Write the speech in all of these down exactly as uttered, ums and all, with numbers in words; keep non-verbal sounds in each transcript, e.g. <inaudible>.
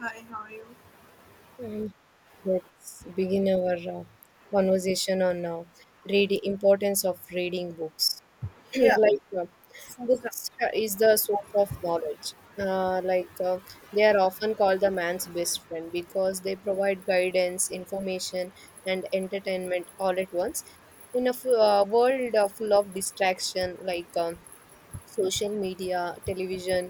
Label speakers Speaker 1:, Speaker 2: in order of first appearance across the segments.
Speaker 1: Hi, how are you?
Speaker 2: And let's begin our uh, conversation on uh, reading importance of reading books. <clears throat>
Speaker 1: Yeah,
Speaker 2: like uh,
Speaker 1: so the-
Speaker 2: books uh, is the source of knowledge. Uh, like uh, they are often called the man's best friend because they provide guidance, information, and entertainment all at once. In a f- uh, world uh, full of distraction, like um, social media, television,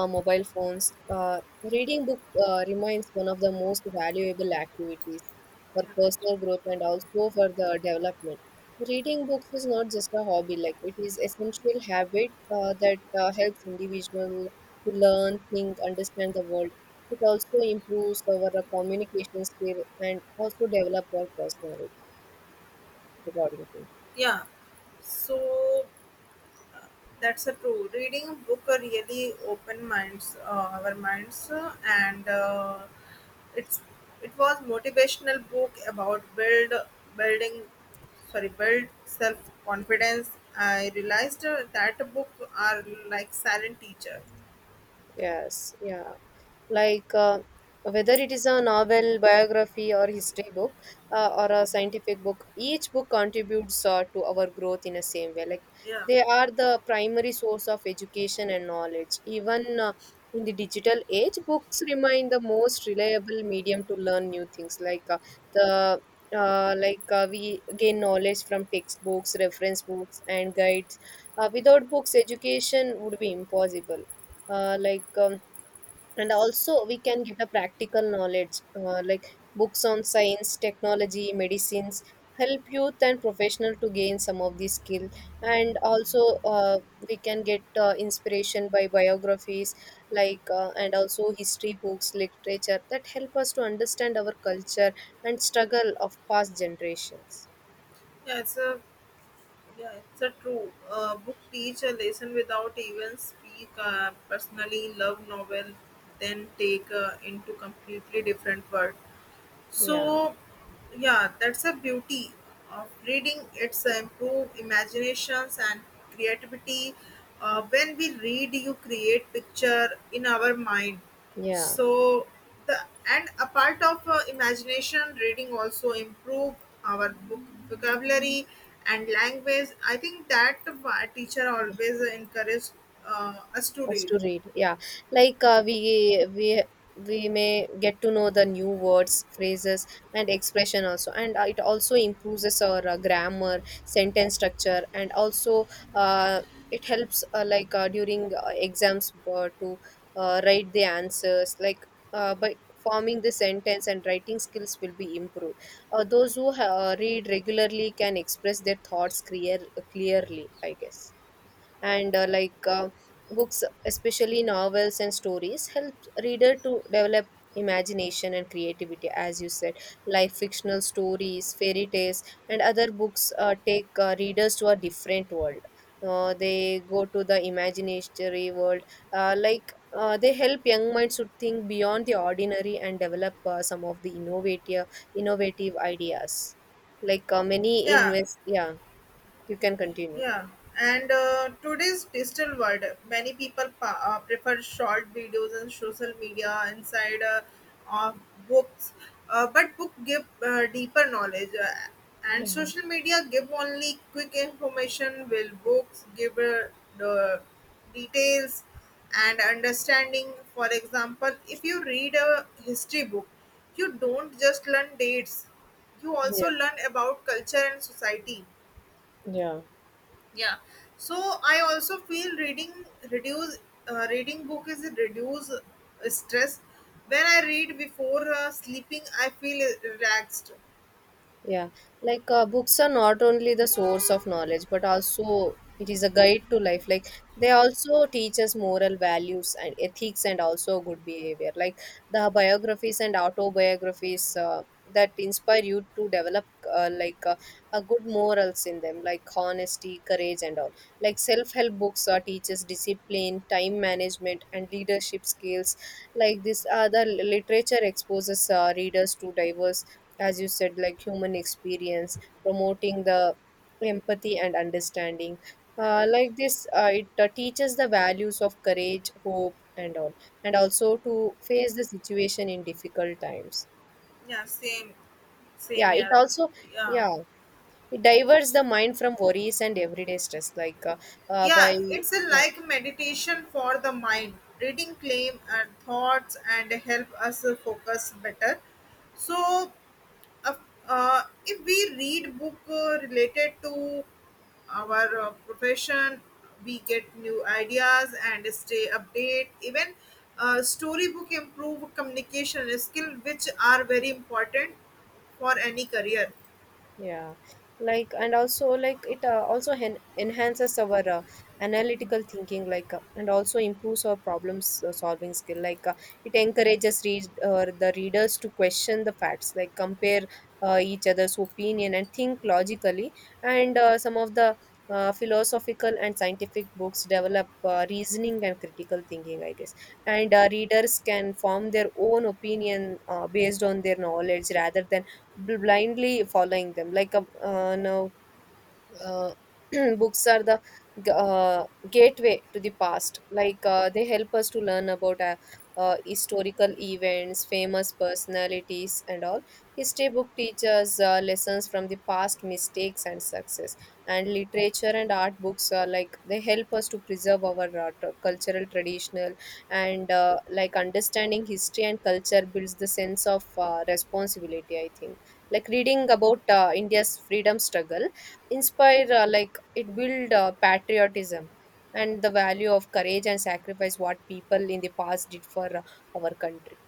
Speaker 2: uh, mobile phones. Uh, reading book uh, remains one of the most valuable activities for
Speaker 1: Yeah.
Speaker 2: personal growth and also for the development. Reading books is not just a hobby; like it is essential habit uh, that uh, helps individual to learn, think, understand the world. It also improves our uh, communication skill and also develop our personality according to.
Speaker 1: Yeah. So that's a true. Reading a book really open minds, uh, our minds, uh, and uh, it's it was motivational book about build building, sorry, build self confidence. I realized uh, that book are like silent teacher.
Speaker 2: Yes, yeah. Like uh, Whether it is a novel, biography, or history book, uh, or a scientific book, each book contributes uh, to our growth in a same way. Like
Speaker 1: Yeah,
Speaker 2: they are the primary source of education and knowledge. Even uh, in the digital age, books remain the most reliable medium to learn new things. Like uh, the uh, like uh, We gain knowledge from textbooks, reference books, and guides. Uh, without books, education would be impossible uh, like um, and also we can get a practical knowledge uh, like books on science technology medicines help youth and professional to gain some of these skills and also uh, we can get uh, inspiration by biographies like uh, and also history books literature that help us to understand our culture and struggle of past generations.
Speaker 1: yeah. It's a Yeah, it's a true. Uh, book teach a lesson without even speak. Uh, personally, love novel then take uh, into completely different world.
Speaker 2: Yeah,
Speaker 1: So, yeah, that's a beauty of reading. It's a improve imaginations and creativity. Uh, when we read, you create picture in our mind.
Speaker 2: yeah,
Speaker 1: So the and a part of uh, imagination reading also improve our book vocabulary and language. I think that uh, teacher always encourage uh, us to
Speaker 2: us
Speaker 1: read.
Speaker 2: to read, yeah. Like uh, we we we may get to know the new words phrases and expression also and uh, it also improves our uh, grammar sentence structure and also uh, it helps uh, like uh, during uh, exams uh, to uh, write the answers like uh, by forming the sentence and writing skills will be improved. Uh, those who uh, read regularly can express their thoughts clear clearly I guess. And uh, like uh, books especially novels and stories help reader to develop imagination and creativity as you said, like fictional stories fairy tales and other books uh, take uh, readers to a different world. Uh, they go to the imaginary world. Uh, like uh, they help young minds to think beyond the ordinary and develop uh, some of the innovative innovative ideas. Like uh, many
Speaker 1: Yeah,
Speaker 2: invest, yeah. You can continue.
Speaker 1: yeah, and uh, today's digital world, many people pa- uh, prefer short videos and social media inside uh, of books. Uh, but book give uh, deeper knowledge, uh, and
Speaker 2: Yeah.
Speaker 1: social media give only quick information. Will books give uh, the details and understanding? For example, if you read a history book, you don't just learn dates; you also
Speaker 2: Yeah.
Speaker 1: learn about culture and society.
Speaker 2: Yeah.
Speaker 1: Yeah, so I also feel reading reduce uh, reading book is reduce uh, stress. When I read before uh, sleeping, I feel relaxed.
Speaker 2: Yeah, like uh, books are not only the source of knowledge, but also it is a guide to life. Like they also teach us moral values and ethics and also good behavior. Like the biographies and autobiographies uh, that inspire you to develop uh, like uh, a good morals in them, like honesty, courage, and all. Like self-help books uh, teaches discipline, time management, and leadership skills. Like this, other literature exposes uh, readers to diverse as you said like human experience promoting the empathy and understanding. Uh,
Speaker 1: Uh,
Speaker 2: like this uh, it uh, Teaches the values of courage hope and all, and also to face the situation in difficult times.
Speaker 1: yeah, same
Speaker 2: Yeah
Speaker 1: same
Speaker 2: it
Speaker 1: here.
Speaker 2: also,
Speaker 1: Yeah,
Speaker 2: yeah, it diverts the mind from worries and everyday stress like uh, uh,
Speaker 1: yeah,
Speaker 2: by
Speaker 1: it's a
Speaker 2: yeah.
Speaker 1: like meditation for the mind. Reading claim and thoughts and help us focus better. So of- uh, if we read book uh, related to our uh, profession, we get new ideas and stay update. Even uh, storybook improve communication skill which are very important for any career.
Speaker 2: Yeah, like and also like it uh, also hen enhances our uh, analytical thinking, like uh, and also improves our problems uh, solving skill. Like uh, it encourages read uh, the readers to question the facts, like compare uh, each other's opinion and think logically. And uh, some of the uh, philosophical and scientific books develop uh, reasoning and critical thinking, I guess. And uh, readers can form their own opinion uh, based on their knowledge rather than blindly following them like a uh, no uh, <clears throat> books are the g- uh, gateway to the past. Like uh, they help us to learn about uh, uh, historical events, famous personalities, and all. History book teaches uh, lessons from the past mistakes and success. And literature and art books are like they help us to preserve our uh, tr- cultural traditional and uh, like understanding history and culture builds the sense of uh, responsibility. I think like reading about uh, India's freedom struggle inspire uh, like it build uh, patriotism and the value of courage and sacrifice what people in the past did for uh, our country.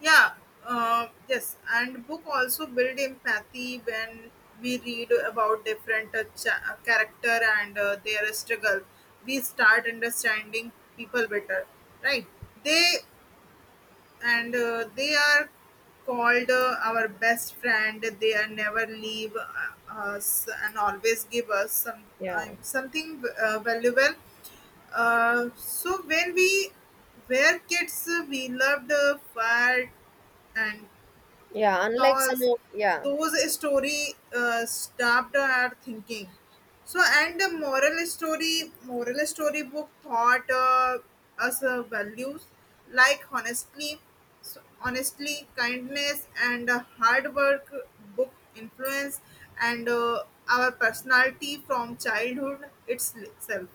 Speaker 1: Yeah, uh, yes, and book also build empathy. When we read about different uh, cha- uh, character and uh, their struggle, we start understanding people better, right? they and uh, they are called uh, our best friend. They are never leave uh, us and always give us some
Speaker 2: Yeah,
Speaker 1: um, something uh, valuable. Uh, so when we were kids, uh, we loved uh, fire and
Speaker 2: yeah, unlike some
Speaker 1: those
Speaker 2: of, yeah.
Speaker 1: those story uh, stopped at thinking. So, and the moral story moral story book taught uh, us uh, values like honestly, so honestly, kindness and uh, hard work. Book influence and uh, our personality from childhood itself.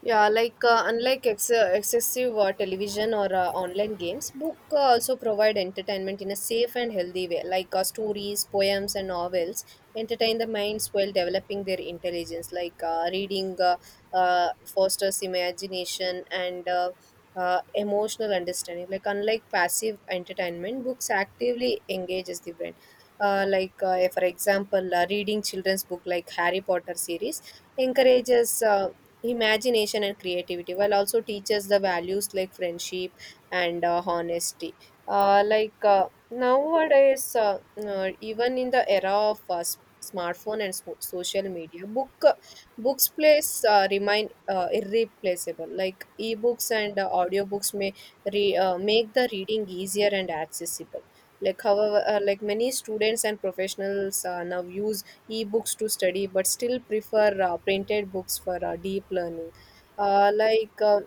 Speaker 2: Yeah, like uh, unlike ex- uh, excessive uh, television or uh, online games, book uh, also provide entertainment in a safe and healthy way. Like uh, stories, poems, and novels entertain the minds while developing their intelligence. Like uh, reading uh, uh, Fosters imagination and uh, uh, emotional understanding. Like unlike passive entertainment, books actively engages the brain. Uh, like uh, for example, uh, reading children's book like Harry Potter series encourages. Uh, imagination and creativity while also teaches the values like friendship and uh, honesty. Uh, like uh, nowadays uh, uh, Even in the era of uh, s- smartphone and so- social media book uh, books place uh, remain uh, irreplaceable, like ebooks and uh, audiobooks may re- uh, make the reading easier and accessible. Like however uh, like many students and professionals uh, now use e-books to study, but still prefer uh, printed books for uh, deep learning. Uh, like uh,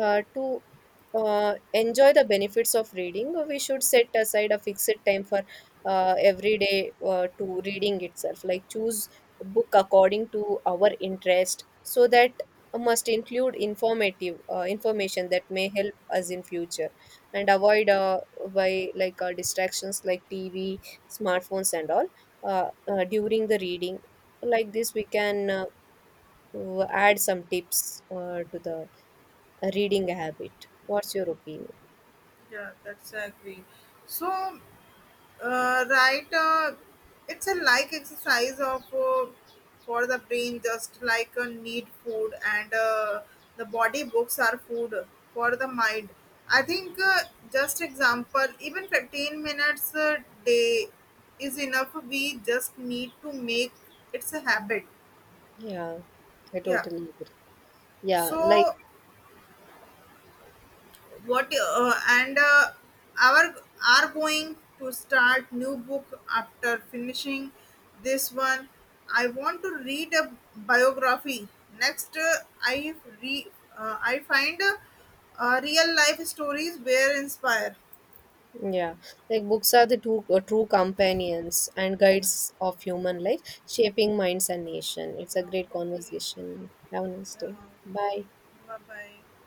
Speaker 2: uh, to uh, enjoy the benefits of reading, we should set aside a fixed time for uh, every day uh, to reading itself. Like choose book according to our interest, so that must include informative uh, information that may help us in future, and avoid uh, by like uh, distractions like T V, smartphones, and all uh, uh, during the reading. Like this, we can uh, add some tips uh, to the a reading habit. What's your opinion?
Speaker 1: Yeah, that's I agree. So, Uh, right. Uh, it's a like exercise of uh, for the brain, just like uh, need food and uh, the body. Books are food for the mind. I think uh, just example, even fifteen minutes a day is enough. We just need to make it's a habit.
Speaker 2: Yeah, I
Speaker 1: Yeah.
Speaker 2: totally agree. Yeah, like,
Speaker 1: So what uh, and uh, our are going to start new book after finishing this one. I want to read a biography next. uh, i re uh, I find uh, uh, real life stories where inspire.
Speaker 2: yeah, like books are the two uh, true companions and
Speaker 1: Yeah,
Speaker 2: guides of human life, shaping minds and nation. It's a
Speaker 1: yeah,
Speaker 2: great
Speaker 1: okay.
Speaker 2: conversation. Have a nice
Speaker 1: Yeah,
Speaker 2: day. Bye.
Speaker 1: bye bye.